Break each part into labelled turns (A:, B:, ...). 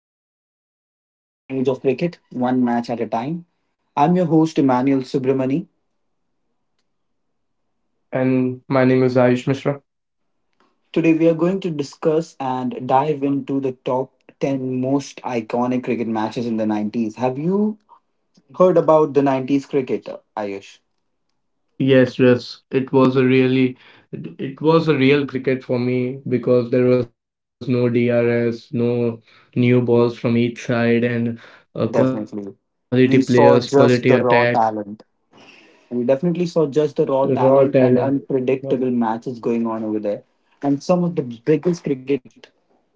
A: today relive the golden age of cricket, one match at a time. I'm your host, Emmanuel Subramani.
B: And my name is Ayush Mishra.
A: Today we are going to discuss and dive into the top 10 most iconic cricket matches in the 90s. Have you heard about the 90s cricket, Ayush?
B: Yes, yes, it was a really, it was a real cricket for me because there was no DRS, no new balls from each side, and quality players, quality
A: Definitely.
B: attack,
A: We saw just the raw talent. And we
B: raw
A: definitely saw
B: talent.
A: just the raw
B: But
A: talent and unpredictable matches going on over there. And some of the biggest cricket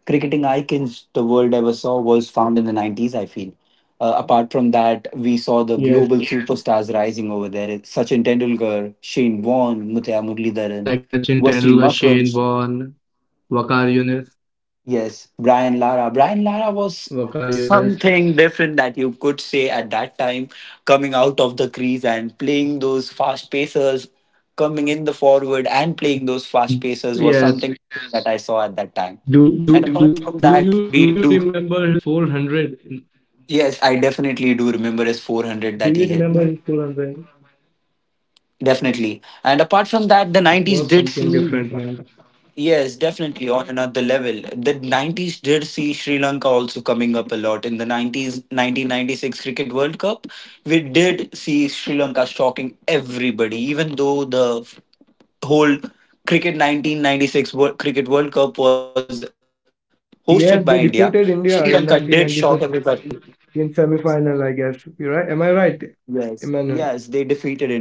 A: cricketing icons the world ever saw was found in the 90s, I feel.
B: yes,
A: Apart from that, we saw the global superstars rising over there. Sachin Tendulkar,
B: like
A: Shane
B: Sachin Tendulkar,
A: Warne, Muthiah
B: Shane Warne,
A: Muralidharan, Wasim
B: Wakar
A: Akram.
B: Yunis,
A: Yes,
B: Wakar
A: Brian
B: Yunis.
A: Lara. Brian Lara was something different that you could say at that time, coming out of the crease and playing those fast pacers, coming in the
B: Yes.
A: forward and playing those fast pacers
B: Do
A: was
B: do
A: something
B: do
A: that I saw at
B: do
A: that
B: you
A: time.
B: remember his
A: And apart from
B: 400?
A: that, we do. Yes, I
B: Do you
A: definitely
B: remember
A: do
B: his
A: remember his
B: 400?
A: 400 that he hit.
B: It
A: Definitely.
B: was
A: And
B: something
A: apart from
B: different,
A: that, the
B: man.
A: 90s did see. Yes, definitely on another level. The 90s did see Sri Lanka also coming up a lot. In the 90s, 1996 Cricket World Cup, we did see Sri Lanka shocking everybody, even though the whole cricket 1996 Cricket World Cup was
B: Yes, they
A: hosted by
B: defeated
A: India.
B: India in
A: Sri Lanka did
B: 1996
A: shock everybody.
B: in semi-final, I guess. You right? Am I right, Emmanuel?
A: Yes, yes, they defeated India. Yeah,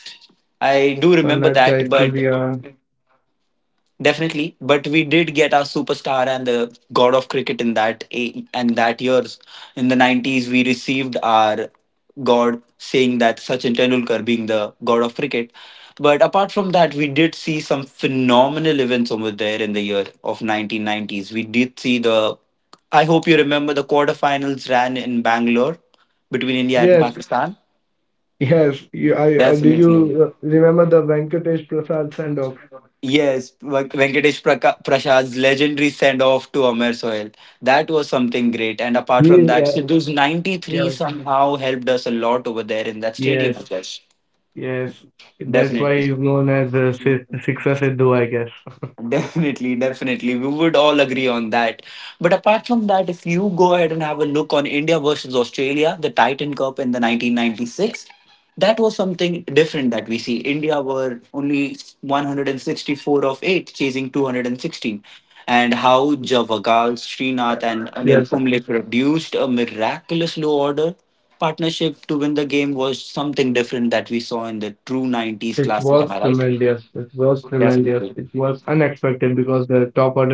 B: Sanat
A: I do remember
B: Jayasurya.
A: that, but definitely, but we did get our superstar and the god of cricket in that and that years. In the nineties, we received our god saying that Sachin Tendulkar being the god of cricket. But apart from that, we did see some phenomenal events over there in the year of 1990s. We did see the. I hope you remember the quarterfinals ran in Bangalore between India and
B: Yes,
A: Pakistan.
B: yes. You, I. Did you
A: Definitely.
B: remember the Venkatesh Prasad send-off?
A: Yes, Venkatesh Prashad's legendary send off to Amer Sohail. That was something great. And apart
B: He,
A: from that,
B: uh,
A: Sidhu's 93
B: yes,
A: somehow helped us a lot over there in that stadium
B: yes,
A: as well.
B: yes. That's why
A: Definitely.
B: he's known as a Sixer Sidhu, I guess.
A: Definitely, definitely. We would all agree on that. But apart from that, if you go ahead and have a look on India versus Australia, the Titan Cup in the 1996, that
B: Mm-hmm.
A: was something different that we see. India were only 164 of 8, chasing 216. And how
B: Yes,
A: Javagal, Srinath, and Anil Kumble produced a miraculous low order partnership to win the game was something different that we saw
B: it
A: in the
B: was
A: true
B: tremendous.
A: 90s
B: It
A: classic. Am
B: was
A: I right?
B: tremendous. It was
A: Yes.
B: unexpected because the top order collapsed really early.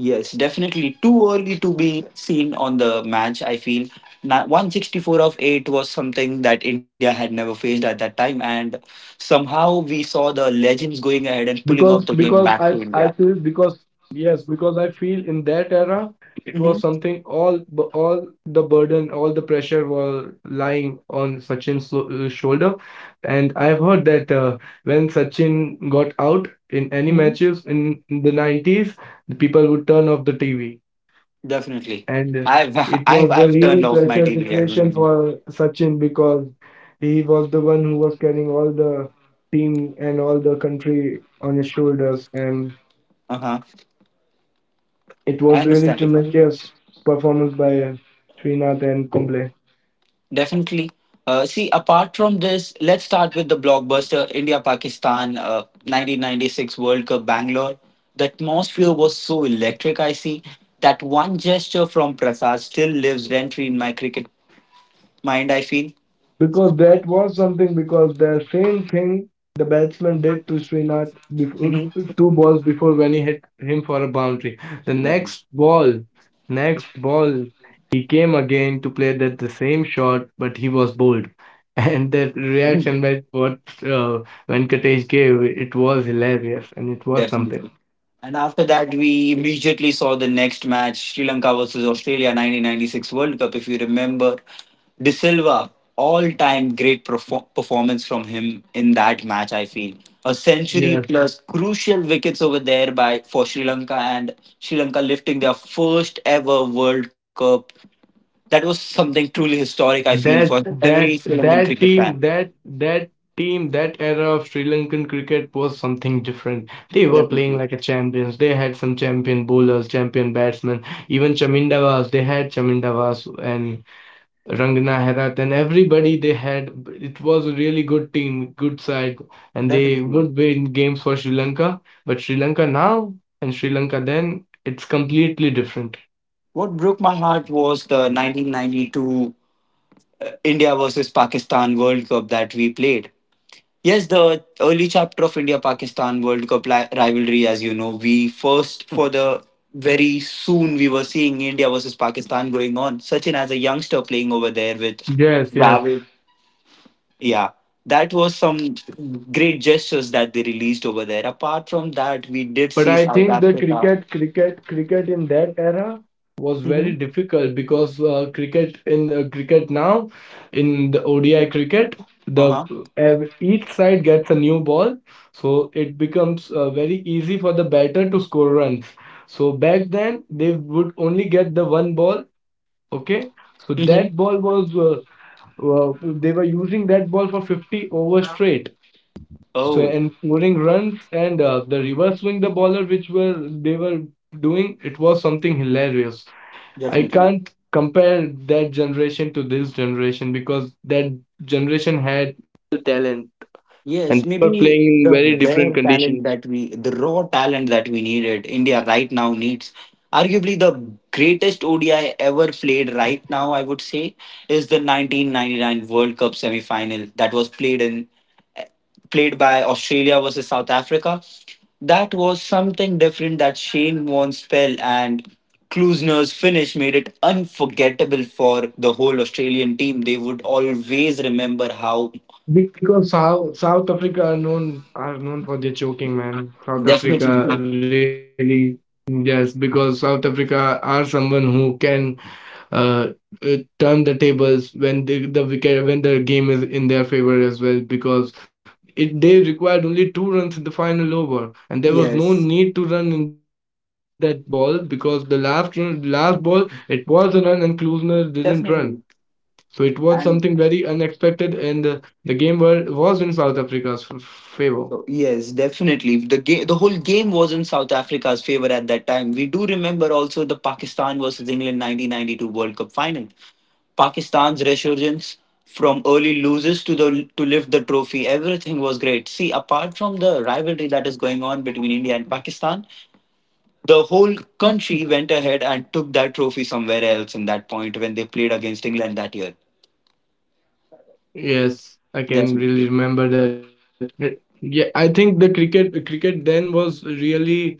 A: Yes, definitely too early to be seen on the match. I feel 164 of 8 was something that India had never faced at that time, and somehow we saw the legends going
B: Because
A: ahead and pulling
B: I
A: off the
B: feel
A: game
B: because
A: back to India.
B: yes because I feel in that era it was something
A: Hmm.
B: all the burden, all the pressure were lying on Sachin's shoulder. And I've heard that when Sachin got out in any
A: Hmm.
B: matches in the 90s, the people would turn off the TV.
A: Definitely.
B: And
A: I've,
B: it
A: I've,
B: was a
A: I've
B: real
A: turned off my
B: pressure
A: TV,
B: situation
A: really.
B: for Sachin because he was the one who was carrying all the team and all the country on his shoulders, and
A: Uh huh.
B: it
A: I
B: was really
A: understand it.
B: tremendous performance by Srinath and Kumble.
A: Definitely. See, apart from this, let's start with the blockbuster India Pakistan 1996 World Cup Bangalore. The atmosphere was so electric, I see. That one gesture from Prasad still lives rent free in my cricket mind, I feel.
B: Because that was something, because the same thing the batsman did to Srinath before,
A: Hmm.
B: two balls before when he hit him for a boundary. The
A: Definitely.
B: next ball, next ball, he came again to play that the same shot, but he was bowled. And the reaction that what uh, Venkatesh gave, it was hilarious and it was something.
A: Definitely. And after that, we immediately saw the next match Sri Lanka versus Australia 1996 World Cup. If you remember, De Silva, all time great performance from him in that match, I feel. A century
B: Yes.
A: plus crucial wickets over there by for Sri Lanka and Sri Lanka lifting their first ever World Cup. That was something truly historic, I feel, for
B: That
A: every
B: that
A: Sri Lankan
B: that
A: cricket fan.
B: team that that team, that era of Sri Lankan cricket was something different. They were playing
A: Definitely.
B: like a champions. They had some champion bowlers, champion batsmen, even Chamindavas. They had Chamindavas and Rangana Herat and everybody they had. It was a really good team, good side, and they
A: Definitely.
B: would win games for Sri Lanka. But Sri Lanka now and Sri Lanka then, it's completely different.
A: What broke my heart was the 1992 India versus Pakistan World Cup that we played. Yes, the early chapter of India Pakistan World Cup rivalry, as you know, we first for the very soon we were seeing India versus Pakistan going on. Sachin as a youngster playing over there with
B: Yes, yes.
A: Dravid. Yeah, that was some great gestures that they released over there. Apart from that, we did
B: But
A: see
B: I
A: South
B: think the
A: Africa.
B: cricket in that era was very
A: Mm-hmm.
B: difficult because cricket now, in the ODI cricket,
A: Uh
B: the
A: huh.
B: each side gets a new ball, so it becomes very easy for the batter to score runs. So back then they would only get the one ball. Okay, so
A: Mm-hmm.
B: that ball was they were using that ball for 50 overs straight. So
A: Oh,
B: and scoring runs, and the reverse swing the bowler, which were they were doing, it was something hilarious. I
A: definitely.
B: can't compare that generation to this generation because that generation.
A: Yes, maybe the raw talent that we needed, India right now needs. Arguably, the greatest ODI ever played right now, I would say, is the 1999 World Cup semi-final that was played by Australia versus South Africa. That was something different that Shane Warne's spell and Klusner's finish made it unforgettable for the whole Australian team. They would always remember how.
B: Because South Africa are known for their choking, man. South
A: Definitely.
B: Africa really, yes, because South Africa are someone who can uh, turn the tables when the wicket, when the game is in their favor as well, because it, they required only two runs in the final over and there was no need to
A: Yes.
B: run in that ball, because the last run, last ball, it was a run and Klusner didn't run. So it
A: Definitely.
B: was something very unexpected,
A: And
B: and the game were, was in South Africa's favor.
A: so yes, definitely. The whole game was in South Africa's favor at that time. We do remember also the Pakistan versus England 1992 World Cup final. Pakistan's resurgence from early losers to lift the trophy. Everything was great. See, apart from the rivalry that is going on between India and Pakistan, the whole country went ahead and took that trophy somewhere else in that point when they played against England that year.
B: Yes, I can really
A: Definitely.
B: remember that. Yeah, I think the cricket then was really uh,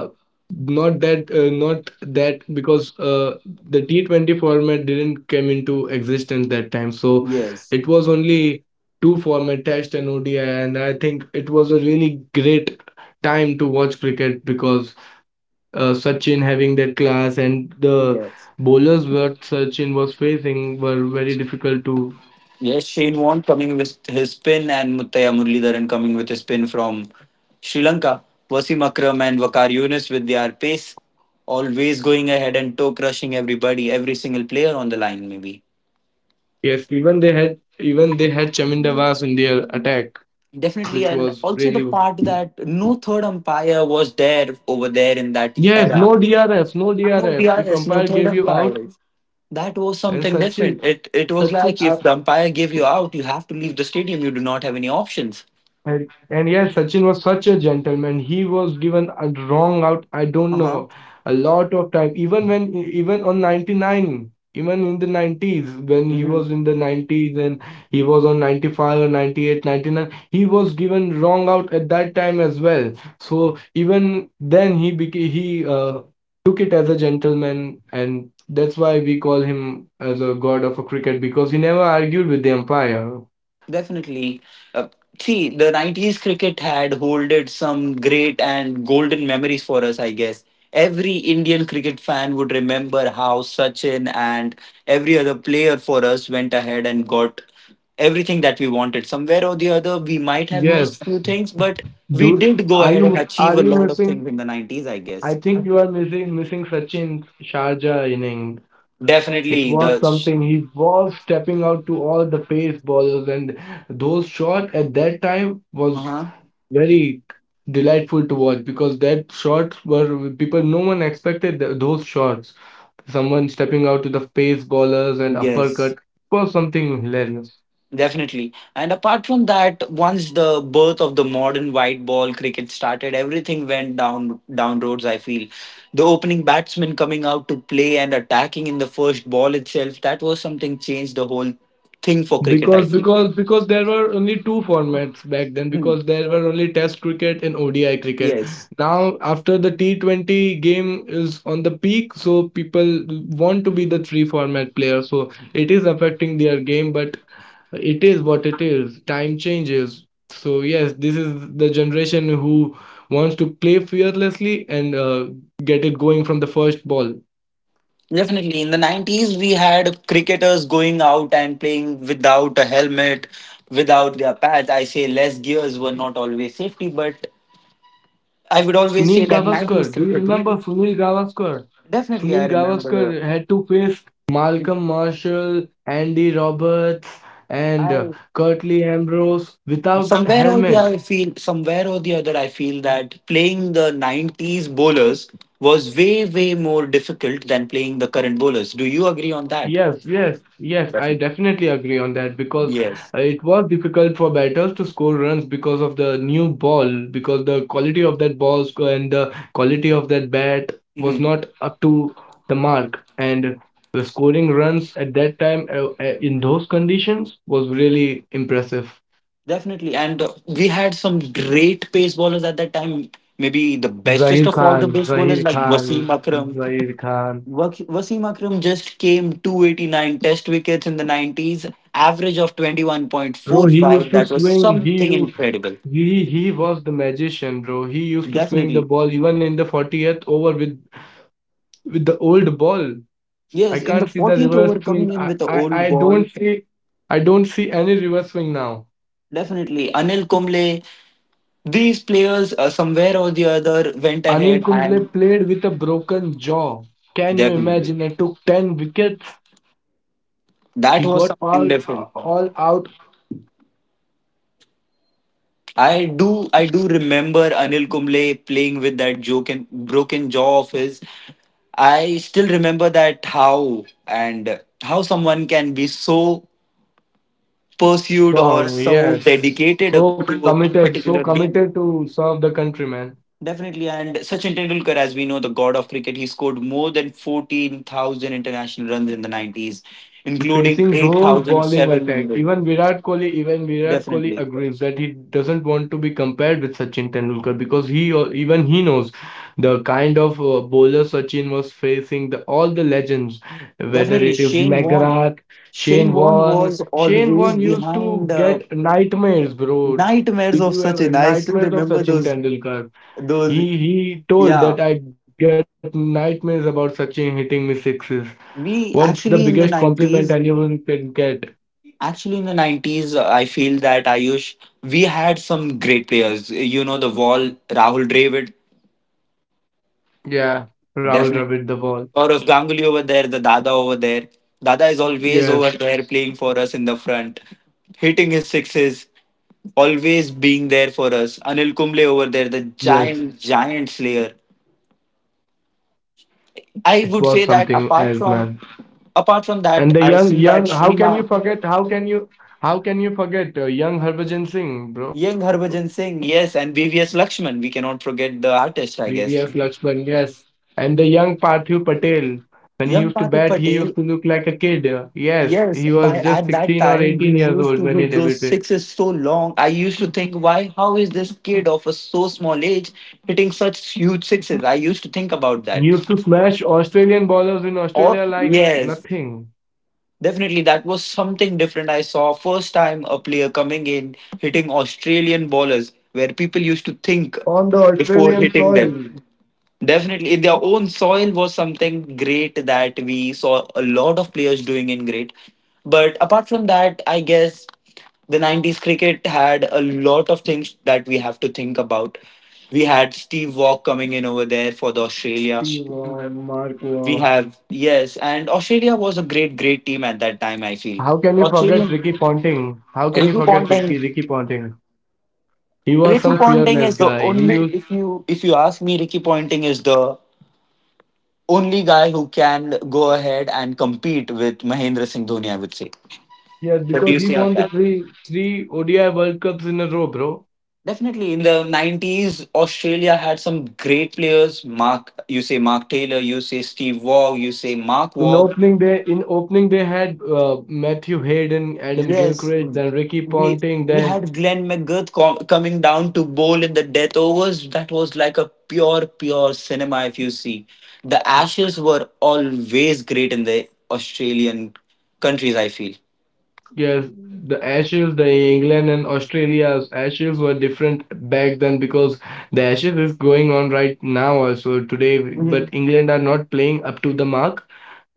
B: not that because uh, the T20 format didn't come into existence that time. So it was
A: Yes.
B: only two format, Test and ODI, and I think it was a really great time to watch cricket because Sachin having that class and the
A: Yes.
B: bowlers what Sachin was facing were very difficult to.
A: Yes, Shane Warne coming with his spin and Muthaiya Muralidharan coming with his spin from Sri Lanka. Wasim Akram and Vakar Yunus with their pace, always going ahead and toe crushing everybody, every single player on the line, maybe.
B: Yes, even they had Chaminda Vas in their attack, which
A: Definitely,
B: was
A: and also
B: really,
A: the part that no third umpire was there over there in that
B: yes, no
A: era.
B: DRS, no
A: No
B: DRS. If
A: DRS,
B: umpire
A: no
B: gave
A: third
B: you out,
A: umpires. That was
B: and
A: something
B: Sachin
A: different. It was
B: Sachin
A: like
B: uh,
A: if the umpire gave you out, you have to leave the stadium. You do not have any options.
B: and yeah, Sachin was such a gentleman. He was given a wrong out, I don't
A: Uh
B: know, a lot of time. Even when, even on 99, even in the 90s, when he
A: huh.
B: was in the 90s and he was on 95 or 98, 99, he was given wrong out at that time as well. So even then, he became, he took it as a gentleman, and that's why we call him as a god of a cricket because he never argued with the umpire.
A: Definitely. Uh, See, the 90s cricket had holded some great and golden memories for us, I guess. Every Indian cricket fan would remember how Sachin and every other player for us went ahead and got everything that we wanted. Somewhere or the other, we might have
B: Yes.
A: missed few things, but we
B: Do
A: did go ahead and achieve
B: are
A: a
B: you
A: lot of
B: missing?
A: things in the 90s, I guess.
B: I think you are missing Sachin's Sharjah inning. It
A: Definitely.
B: was
A: The.
B: something. He was stepping out to all the pace bowlers, and those shot at that time
A: Uh
B: was
A: huh.
B: very delightful to watch because that shots were people. No one expected th those shots. Someone stepping out to the pace bowlers and
A: Yes.
B: uppercut was something hilarious.
A: Definitely. And apart from that, once the birth of the modern white ball cricket started, everything went down roads, I feel. The opening batsman coming out to play and attacking in the first ball itself, that was something changed the whole thing for cricket, I
B: Because
A: feel.
B: because because there were only two formats back then,
A: Hmm.
B: because there were only Test cricket and ODI cricket.
A: Yes.
B: Now after the T20 game is on the peak, so people want to be the three format player. So it is affecting their game, but it is what it is. Time changes. So yes, this is the generation who wants to play fearlessly and get it going from the first ball.
A: Definitely. In the 90s, we had cricketers going out and playing without a helmet, without their pads. I say less gears were not always safety, but I would always
B: Sunil
A: say that 90s
B: Gavaskar. Do you
A: cricket.
B: remember Sunil Gavaskar?
A: Definitely, I
B: Sunil
A: remember
B: Gavaskar had to face
A: the.
B: Malcolm Marshall, Andy Roberts, and
A: I
B: Curtly Ambrose without
A: somewhere or the I
B: helmet.
A: feel somewhere or the other I feel that playing the '90s bowlers was way more difficult than playing the current bowlers. Do you agree on that?
B: Yes, yes, yes,
A: Definitely.
B: I definitely agree on that because it
A: Yes.
B: was difficult for batters to score runs because of the new ball, because the quality of that ball and the quality of that bat was not
A: Mhm.
B: up to the mark. And the scoring runs at that time in those conditions was really impressive.
A: Definitely, and we had some great pace bowlers at that time. Maybe the bestest
B: Zahir
A: of all the
B: Khan,
A: pace bowlers
B: Zahir
A: like Wasim
B: Khan,
A: Akram,
B: Zahir Khan.
A: Wasim Akram just came 289 test wickets in the 90s, average of
B: Bro, he
A: 21.45.
B: used to
A: That was
B: swing.
A: something incredible.
B: He was the magician, bro. He used to swing the
A: Definitely.
B: ball even in the 40th over with the old ball. I
A: Yes, in
B: can't
A: the
B: see the
A: 40th
B: reverse
A: over,
B: swing.
A: coming
B: I
A: in with
B: I,
A: the
B: I
A: old
B: don't
A: ball.
B: see, I don't see any reverse swing now.
A: Definitely. Anil Kumble, these players somewhere or the other went
B: Anil
A: ahead
B: Kumble
A: and
B: played with a broken jaw. Can you
A: definitely.
B: imagine? It took 10 wickets.
A: That
B: He
A: was
B: got
A: something
B: all
A: different.
B: all out
A: I do remember Anil Kumble playing with that joke and broken jaw of his. I still remember that how and how someone can be so pursued or
B: strong.
A: so
B: Yes.
A: dedicated up to a
B: So
A: particular game.
B: committed to serve the country, man.
A: Definitely, and Sachin Tendulkar, as we know, the god of cricket, he scored more than 14,000 international runs in the 90s, including
B: Facing those bowling attack,
A: 8,700.
B: even Virat Kohli
A: Definitely.
B: agrees that he doesn't want to be compared with Sachin Tendulkar because he, even he knows the kind of bowler Sachin was facing, the, all the legends,
A: Definitely,
B: whether it is
A: Shane Warne.
B: McGrath,
A: Shane
B: Shane
A: Warne was
B: Warne. Shane
A: always
B: Warne used
A: behind
B: to get nightmares, bro.
A: nightmares
B: Did
A: of
B: you
A: such
B: have
A: an. I still
B: nightmares of
A: remember
B: Sachin
A: those
B: Tendulkar?
A: those
B: He told
A: yeah.
B: that I get nightmares about Sachin hitting me sixes. What's the
A: We
B: biggest
A: actually in the
B: compliment anyone
A: nineties,
B: can get?
A: I feel that Ayush we had some great players. You know the Wall, Rahul Dravid,
B: Yeah,
A: definitely
B: Rahul Dravid the ball.
A: Saurav Ganguly over there, the Dada over there. Dada is always over
B: Yes,
A: there playing for us in the front, hitting his sixes always being there for us. Anil Kumble over there, the
B: yes,
A: giant, giant slayer. I
B: it
A: would
B: was
A: say that
B: something
A: apart
B: else,
A: from
B: man.
A: apart from that,
B: And the
A: I see that
B: how can you
A: Shrina,
B: forget? How can you forget young Harbhajan Singh, bro?
A: young Harbhajan Singh, yes, and VVS Lakshman. We cannot forget the artist, I
B: BDF
A: guess.
B: Lakshman, yes. And the young Parthiv Patel, when he used
A: Young
B: to
A: Patit
B: bat, he used
A: Patel,
B: to look like a kid. Yes, he
A: yes.
B: was
A: By
B: just
A: at that
B: 16 or
A: time,
B: 18
A: he
B: years
A: used
B: old
A: to
B: when he
A: hit those
B: debuted.
A: sixes so long. I used to think, why? How is this kid of a so small age hitting such huge sixes? I used to think about
B: He
A: that.
B: used to smash Australian bowlers in
A: Or
B: Australia like
A: yes.
B: nothing.
A: Definitely, that was something different. I saw first time a player coming in hitting Australian bowlers, where people used to think
B: On the
A: before
B: Australian
A: hitting
B: soil.
A: them. Definitely, in their own soil was something great that we saw a lot of players doing in great. But apart from that, I guess the 90s cricket had a lot of things that we have to think about. We had Steve Waugh coming in over there for the Australia.
B: Stilo, Marco.
A: We have, yes, and Australia was a great, great team at that time, I feel.
B: How can you forget
A: Australian
B: Ricky Ponting? How can you
A: Ricky
B: forget Ricky
A: Ponting.
B: Ricky Ponting? He was
A: Ricky
B: some
A: Ponting
B: fearless
A: is the
B: guy. He used,
A: only, if you ask me, Ricky Ponting is the only guy who can go ahead and compete with Mahendra Singh Dhoni, I would say.
B: yeah,
A: What do
B: because
A: you
B: he
A: say on
B: won the
A: that?
B: three ODI World Cups in a row, bro.
A: Definitely. In the 90s, Australia had some great players. You say Mark Taylor, you say Steve Waugh, you say Mark
B: In
A: Waugh.
B: opening day, in opening they had Matthew Hayden, Adam
A: Yes,
B: Gilchrist, then Ricky
A: we
B: Ponting,
A: we
B: then
A: had Glenn McGrath coming down to bowl in the death overs. That was like a pure, pure cinema. If you see, the Ashes were always great in the Australian countries, I feel.
B: yes, the Ashes, the England and Australia's Ashes were different back then because the Ashes is going on right now also today,
A: Hmm.
B: but England are not playing up to the mark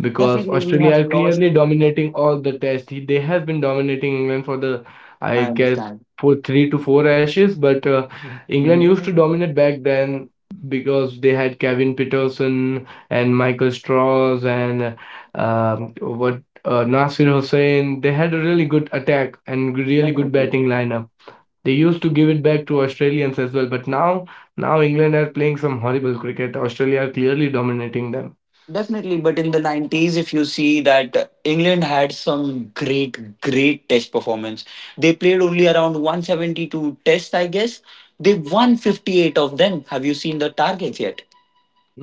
B: because
A: Definitely, we
B: Australia
A: have
B: are
A: lost.
B: clearly dominating all the tests. They have been dominating England for the, I
A: I
B: guess,
A: understand.
B: for three to four Ashes. But England used to
A: Hmm.
B: dominate back then because they had Kevin Peterson and Michael Strauss and what Nasir Hussain. They had a really good attack and really good
A: Definitely.
B: batting lineup. They used to give it back to Australians as well, but now England are playing some horrible cricket. Australia are clearly dominating them.
A: Definitely, but in the 90s, if you see that England had some great, great test performance. They played only around 172 tests, I guess. They won 58 of them. Have you seen the targets yet?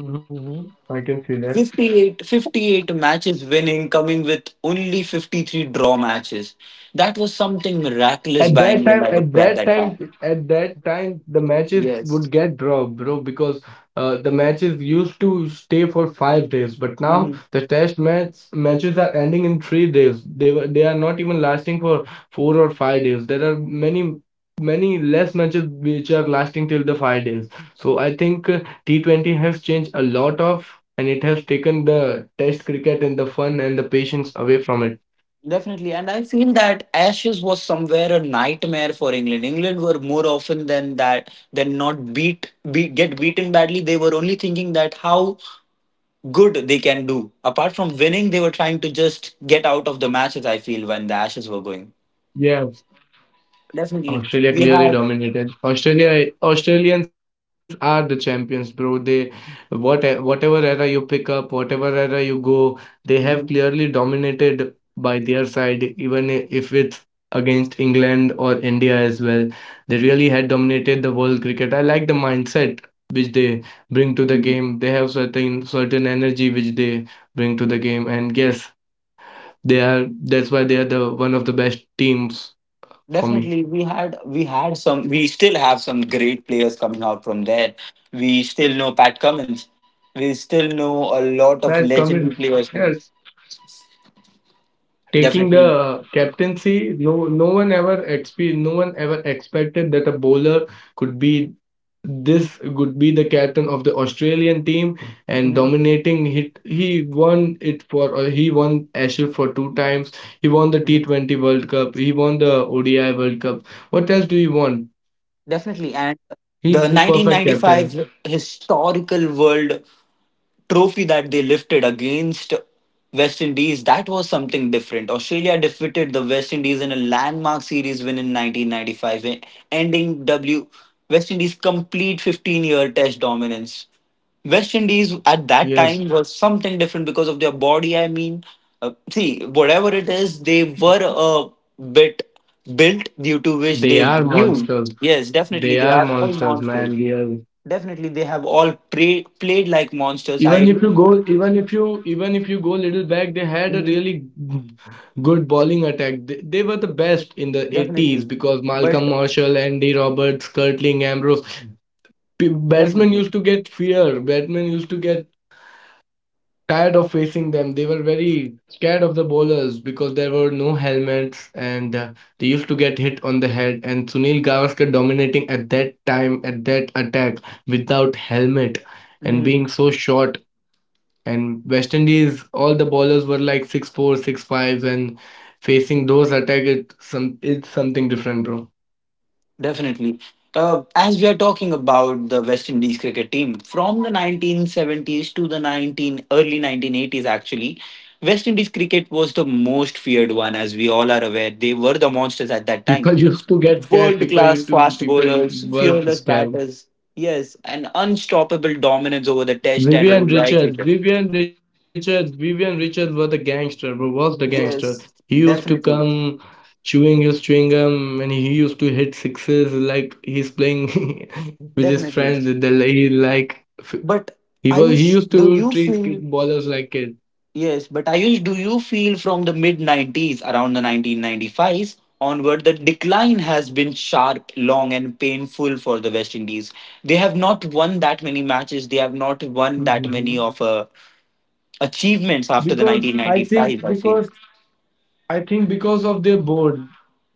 B: Mhm. I can see that.
A: 58, 58 matches winning, coming with only 53 draw matches. That was something miraculous by England, I would say, at that time.
B: At that time, the matches
A: Yes.
B: would get draw, bro, because the matches used to stay for 5 days, but now
A: Mm-hmm.
B: the test match matches are ending in 3 days. They were, they are not even lasting for 4 or 5 days. There are many less matches which are lasting till the 5 days. So I think T20 has changed a lot of, and it has taken the test cricket and the fun and the patience away from it.
A: Definitely. And I feel that Ashes was somewhere a nightmare for England. England were more often than that, than not get beaten badly. They were only thinking that how good they can do. Apart from winning, they were trying to just get out of the matches, I feel, when the Ashes were
B: Yeah.
A: going.
B: Australia clearly
A: Definitely. We
B: dominated.
A: had.
B: Australia, Australians are the champions, bro. They, what, whatever era you pick up, whatever era you go, they have clearly dominated
A: Mhm.
B: by their side. Even if it's against England or India as well, they really had dominated the world cricket. I like the mindset which they bring to the game. They have certain
A: Mhm.
B: certain energy which they bring to the game, and yes, they are. That's why they are the one of the best teams for me.
A: Definitely, we had some. We still have some great players coming out from there. We still know Pat Cummins. We still
B: Has
A: know a
B: come in.
A: lot of
B: Yes,
A: legendary players coming.
B: taking the
A: Definitely.
B: captaincy, no one ever expected that a bowler could be this could be the captain of the Australian team and
A: Hmm.
B: dominating. Hit. He won it for he won Ashes for two times. He won the
A: Hmm.
B: T20 World Cup. He won the ODI World Cup. What else do you want?
A: Definitely. And
B: He's the
A: the
B: perfect captain.
A: 1995 historical world trophy that they lifted against West Indies, that was something different. Australia defeated the West Indies in a landmark series win in 1995, e- ending W West Indies' complete 15-year test dominance. West Indies at
B: Yes,
A: that time was something different because of their body. I mean, see, whatever it is, they were a bit built due to
B: they
A: which
B: are
A: they
B: monsters.
A: knew. Yes,
B: They are
A: definitely, they are all
B: monsters, man.
A: monsters.
B: Yes.
A: Definitely, they have all played like monsters. I Mhm.
B: Even if you go little back, they had a really good bowling attack. They were the best in the 80s
A: Definitely,
B: because
A: but
B: Malcolm Marshall, Andy Roberts, Curtling, Ambrose,
A: definitely.
B: batsmen used to get fear. Batsmen used to get tired of facing them. They were very scared of the bowlers because there were no helmets and they used to get hit on the head. And Sunil Gavaskar dominating at that time, at that attack without helmet
A: Mhm.
B: and being so short and West Indies, all the bowlers were like 6'4", six fives, and facing those attack, it's something different, bro.
A: Definitely. As we are talking about the West Indies cricket team, from the 1970s to the 19 early 1980s, actually, West Indies cricket was the most feared one, as we all are aware. They were the monsters at that time.
B: People used to get scared.
A: World
B: People
A: class
B: used to
A: fast
B: people
A: bowlers,
B: were
A: fearless
B: scared.
A: batters, yes, and unstoppable dominance over the Test and ODI cricket.
B: Vivian Richards was the gangster, bro. Was the gangster. He
A: Yes,
B: used to
A: definitely,
B: come chewing his chewing gum, and he used to hit sixes like he's playing with his friends.
A: definitely.
B: The he like f-
A: But
B: He was he used
A: Ayush,
B: to
A: do you
B: treat kid
A: feel
B: bowlers like
A: Yes, but Ayush, do you feel from the mid 90s, around the 1995s onward, the decline has been sharp, long, and painful for the West Indies? They have not won that many matches. They have not won
B: kids.
A: that many of achievements after the
B: Because I think
A: 1995, I feel.
B: because I think because of their board,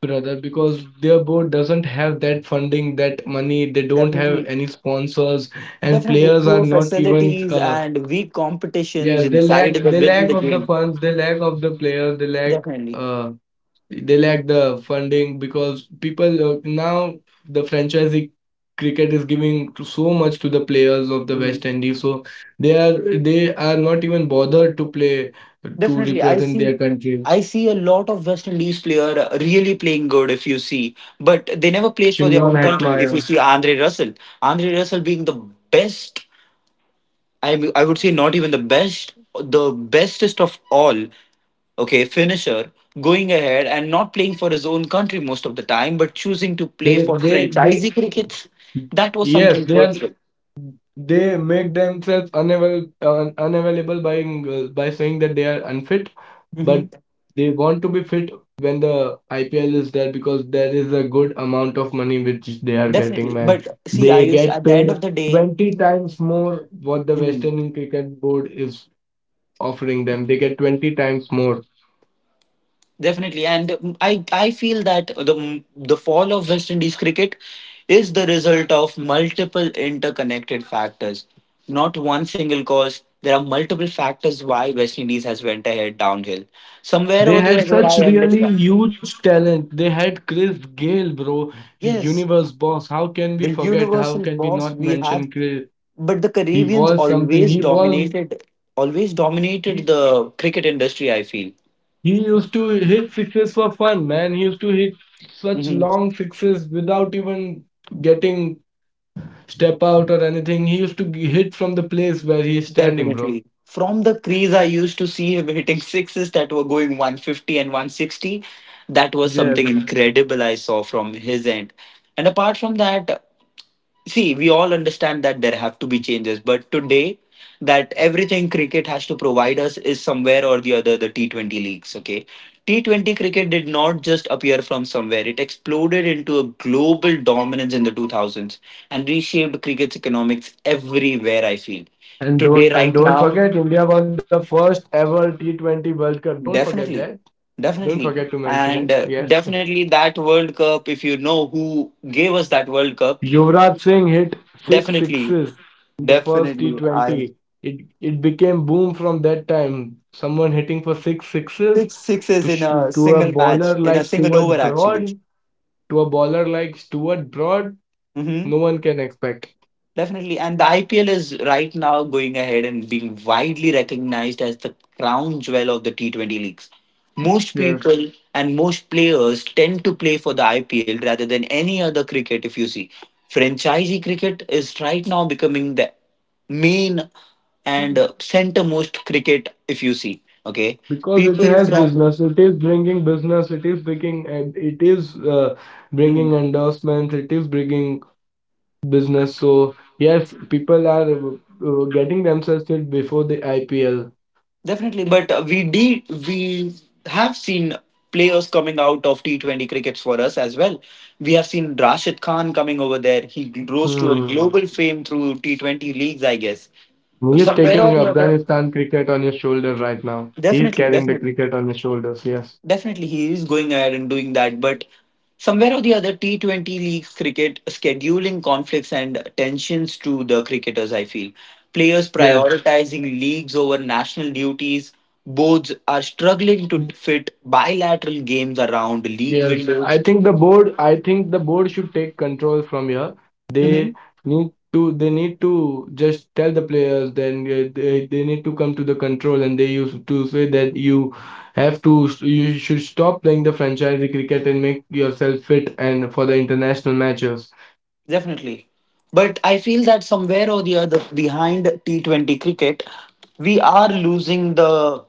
B: brother, because their board doesn't have that funding, that money, they don't
A: Definitely.
B: have any sponsors, and
A: Definitely
B: players
A: poor
B: are not even
A: facilities and weak competitions
B: yes, they
A: inside the
B: lack lack
A: within the
B: of the
A: game.
B: funds, they lack of the players,
A: Definitely.
B: uh they lack the funding because people now the franchisee cricket is so much to the players of the West Indies, so they are they are not even bothered to play to
A: Definitely, I
B: represent their
A: see.
B: country.
A: I see a lot of West Indies player really playing good. If you see, but they never play for their
B: Shimron
A: own country. If you
B: Hetmeyer.
A: see Andre Russell, Andre Russell being the best, I mean, I would say not even the best, the bestest of all. Okay, finisher going ahead and not playing for his own country most of the time, but choosing to play
B: They
A: for
B: they they
A: franchisee cricket. That was
B: yes,
A: something
B: they are.
A: hurtful.
B: They make themselves unavailable by saying that they are unfit, but
A: Hmm.
B: they want to be fit when the IPL is there because there is a good amount of money which they are getting,
A: Definitely,
B: man.
A: but see,
B: They
A: Ayush,
B: get
A: at the end of
B: paid
A: the day.
B: 20 times more what the West
A: Mhm.
B: Indian Cricket Board is offering them. They get 20 times more.
A: Definitely, and I feel that the fall of West Indies cricket is the result of multiple interconnected factors, not one single cause. There are multiple factors why West Indies has went ahead downhill. Somewhere
B: They
A: or the
B: had
A: other,
B: such
A: I
B: really
A: understand.
B: huge talent. They had Chris Gayle, bro.
A: Yes,
B: Universe boss. How can we
A: the
B: forget? How
A: universal
B: can we
A: boss
B: not
A: we have,
B: mention Chris?
A: but the
B: He
A: Caribbeans
B: was something.
A: always dominated
B: He,
A: the cricket industry, I feel.
B: he used to hit sixes for fun, man. He used to hit such long sixes without even getting step out or anything. He used to hit from the place where he is standing, bro.
A: Definitely. From the crease, I used to see him hitting sixes that were going 150 and 160. That was something
B: Yes.
A: incredible I saw from his end. And apart from that, see, we all understand that there have to be changes, but today, that everything cricket has to provide us is somewhere or the other the T20 leagues. Okay. T20 cricket did not just appear from somewhere. It exploded into a global dominance in the 2000s and reshaped cricket's economics everywhere, I feel.
B: And
A: Today,
B: don't and
A: right
B: don't
A: now.
B: forget India won the first ever T20 World Cup. Don't forget that.
A: Definitely.
B: Don't
A: Definitely.
B: forget to mention it.
A: And
B: Yes.
A: definitely, that world cup. If you know who gave us that world cup.
B: Yuvraj Singh hit six
A: Definitely.
B: sixes in the first
A: Definitely. I
B: T20. It it became boom from that time. Someone hitting for six sixes
A: Six sixes in
B: to
A: a
B: to a
A: single match,
B: bowler
A: in a
B: like
A: single over,
B: Stuart
A: actually.
B: Broad, to a bowler like Stuart Broad,
A: Hmm.
B: no one can expect.
A: Definitely. And the IPL is right now going ahead and being widely recognized as the crown jewel of the T20 leagues. Most
B: Yes.
A: people and most players tend to play for the IPL rather than any other cricket, if you see. Franchisee cricket is right now becoming the main and centermost cricket, if you see. Okay.
B: Because it
A: People
B: has
A: from.
B: business, it is bringing business, it is bringing and it is bringing
A: Mhm.
B: endorsements, it is bringing business. So yes, people are getting themselves fit before the IPL.
A: Definitely, but we did we have seen players coming out of T20 crickets for us as well. We have seen Rashid Khan coming over there. He rose to a
B: Hmm.
A: global fame through T20 leagues, I guess.
B: He's
A: Somewhere
B: taking
A: or the other.
B: Afghanistan cricket on his shoulders right now. He's
A: Definitely,
B: carrying the
A: definitely.
B: cricket on his shoulders. Yes.
A: Definitely, he is going ahead and doing that. But somewhere or the other, T20 leagues cricket scheduling conflicts and tensions to the cricketers, I feel. Players
B: Yes.
A: prioritizing leagues over national duties. Boards are struggling to fit bilateral games around league
B: Yes.
A: windows.
B: I think the board should take control from here. They they need to just tell the players, then they need to come to the control and they used to say that you have to, you should stop playing the franchise cricket and make yourself fit and for the international matches.
A: Definitely. But I feel that somewhere or the other behind T20 cricket, we are losing the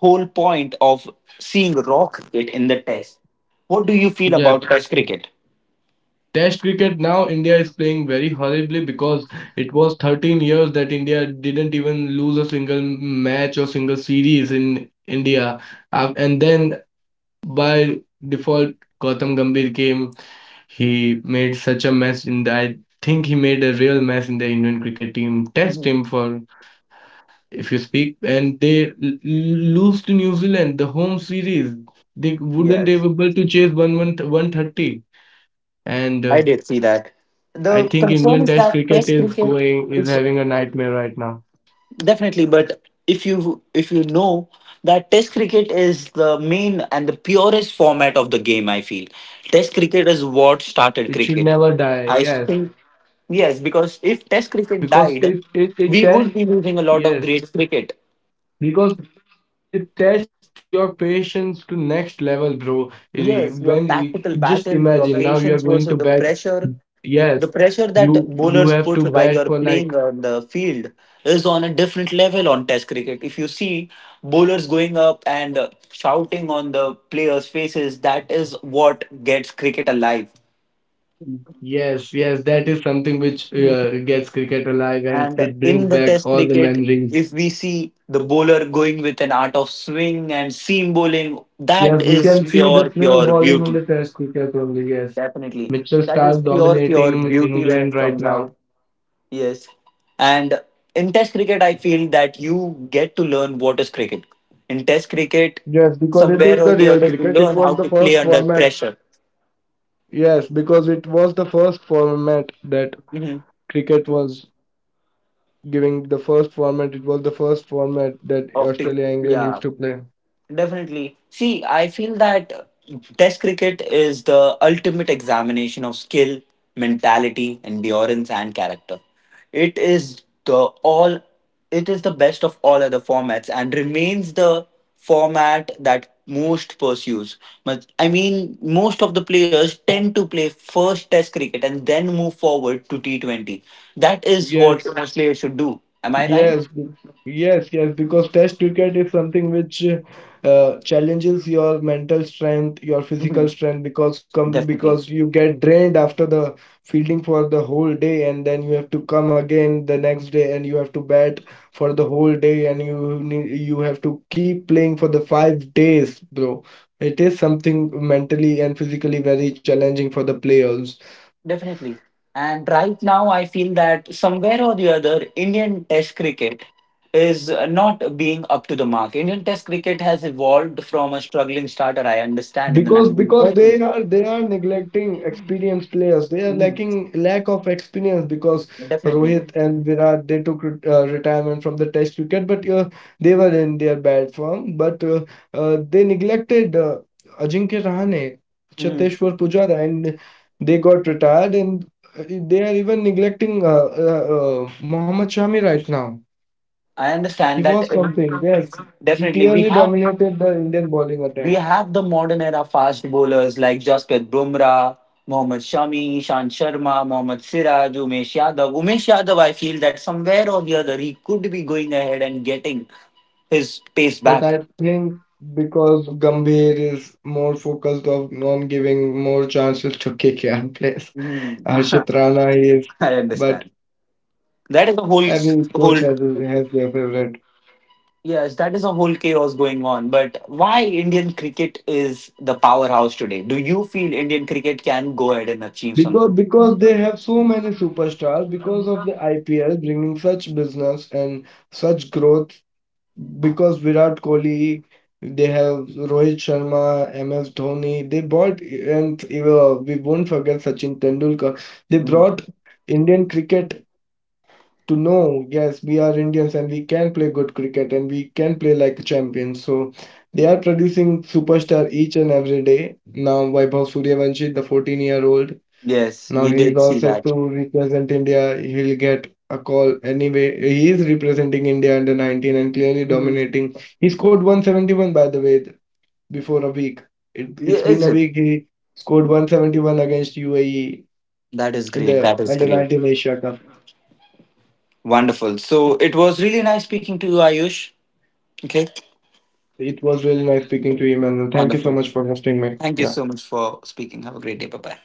A: whole point of seeing raw cricket in the test. What do you feel
B: Yes.
A: about test cricket?
B: Test cricket now India is playing very horribly because it was 13 years that India didn't even lose a single match or single series in India. And then by default, Gautam Gambhir came. He made such a mess in the, I think he made a real mess in the Indian cricket team, test
A: Mhm.
B: team for if you speak. And they lose to New Zealand the home series. They
A: Yes,
B: wouldn't be able to chase one one 130 and
A: I did see that. The
B: I think
A: concern
B: Indian
A: is
B: Test
A: that
B: cricket
A: test cricket
B: is
A: is.
B: having a nightmare right now.
A: Definitely, but if you know that test cricket is the main and the purest format of the game, I feel. Test
B: It
A: cricket is
B: should never
A: what
B: die.
A: started
B: Yes,
A: cricket, I think. Yes, because
B: because
A: if
B: it
A: test
B: it
A: cricket
B: it
A: died,
B: test
A: we would be
B: yes
A: losing a lot of great cricket.
B: because it tests your patience to next level, bro. It- just
A: Yes, your
B: imagine now you are
A: tactical
B: going to
A: battles,
B: bat.
A: your patience versus
B: Yes,
A: the
B: you
A: pressure
B: have to
A: that
B: bat for
A: bowlers
B: like
A: put while you're playing on the field is on a different level on Test cricket. If you see bowlers going up and shouting on the players' faces, that is what gets cricket alive.
B: yes yes that is something which gets cricket alive and it
A: And
B: brings
A: in
B: back
A: the
B: all the
A: Test cricket,
B: memories.
A: if we see the bowler going with an art of swing and seam bowling,
B: Yes,
A: that
B: we can
A: is
B: see the
A: pure,
B: swing
A: pure
B: bowling of the
A: beauty.
B: test cricket only, yes.
A: Definitely.
B: Mitchell
A: That
B: Stark
A: is pure,
B: dominating
A: pure beauty
B: England
A: when it
B: right
A: comes
B: now.
A: out. Yes. And in Test cricket, I feel that you get to learn what is cricket. In Test cricket,
B: Yes, because it is
A: somewhere
B: the
A: or the
B: real
A: other, you
B: cricket. It
A: learn
B: was
A: how
B: the
A: to play
B: first
A: under
B: format.
A: pressure.
B: Yes, because it was the first format that
A: Hmm.
B: cricket was giving the first format. It was the first format that
A: Of the,
B: Australia England
A: yeah.
B: used to play.
A: Definitely. See, I feel that test cricket is the ultimate examination of skill, mentality, endurance, and character. It is the all it is the best of all other formats and remains the format that most pursues. But I mean most of the players tend to play first test cricket and then move forward to T20. That is what
B: Yes,
A: most players should do. Am I right?
B: Yes, b- yes, because test cricket is something which challenges your mental strength, your physical
A: Mhm.
B: strength, because
A: Definitely.
B: you get drained after the fielding for the whole day, and then you have to come again the next day, and you have to bat for the whole day, and you have to keep playing for the 5 days, bro. It is something mentally and physically very challenging for the players.
A: Definitely. And right now, I feel that somewhere or the other, Indian Test cricket is not being up to the mark. Indian Test cricket has evolved from a struggling starter, I understand, in the
B: Because
A: 1930s.
B: they are neglecting experienced players they are
A: Mhm.
B: lacking lack of experience because Rohit
A: Definitely.
B: and Virat they took retirement from the test cricket but they were in their bad form but they neglected Ajinkya Rahane,
A: Mhm.
B: Cheteshwar Pujara and they got retired and they are even neglecting Mohammad Shami right now.
A: I
B: He
A: understand that.
B: was something. Yes, he
A: Definitely. We
B: clearly
A: have
B: dominated the Indian bowling
A: we
B: attack.
A: have the modern era fast bowlers like Jasprit Bumrah, Mohammad Shami, Ishan Sharma, Mohammad Siraj, Umesh Yadav. Umesh Yadav, I feel that somewhere or the other, he could be going ahead and getting his pace
B: But
A: back.
B: I think because Gambhir is more focused on giving more chances to KKR players,
A: Mm,
B: Harshit Rana he is,
A: I
B: but
A: understand. That is a whole,
B: every coach
A: whole,
B: has their favorite.
A: yes, that is a whole chaos going on. But why Indian cricket is the powerhouse today? Do you feel Indian cricket can go ahead and achieve something?
B: Because they have so many superstars, because of the IPL bringing such business and such growth, because Virat Kohli, they have Rohit Sharma, MS Dhoni, they bought and we won't forget Sachin Tendulkar. They brought
A: Mhm.
B: Indian cricket to know, yes, we are Indians and we can play good cricket and we can play like champions. So they are producing superstar each and every day. Now Vaibhav Suryavanshi, the 14-year-old,
A: Yes, we
B: now
A: did
B: he's
A: see
B: all set
A: that.
B: to represent India. He'll get a call anyway. He is representing India under 19 and clearly
A: Mhm.
B: dominating. He scored 171 by the way before a week. It,
A: Yeah,
B: it's been
A: is
B: a
A: it?
B: week. He scored 171 against UAE
A: That is
B: in
A: great.
B: the
A: That is
B: under
A: great.
B: 19 Asia Cup.
A: Wonderful. So it was really nice speaking to you, Ayush. Okay.
B: It was really nice speaking to you, Emmanuel. Thank you so
A: Wonderful.
B: much for hosting me.
A: Thank you
B: Yeah.
A: so much for speaking. Have a great day. Bye bye.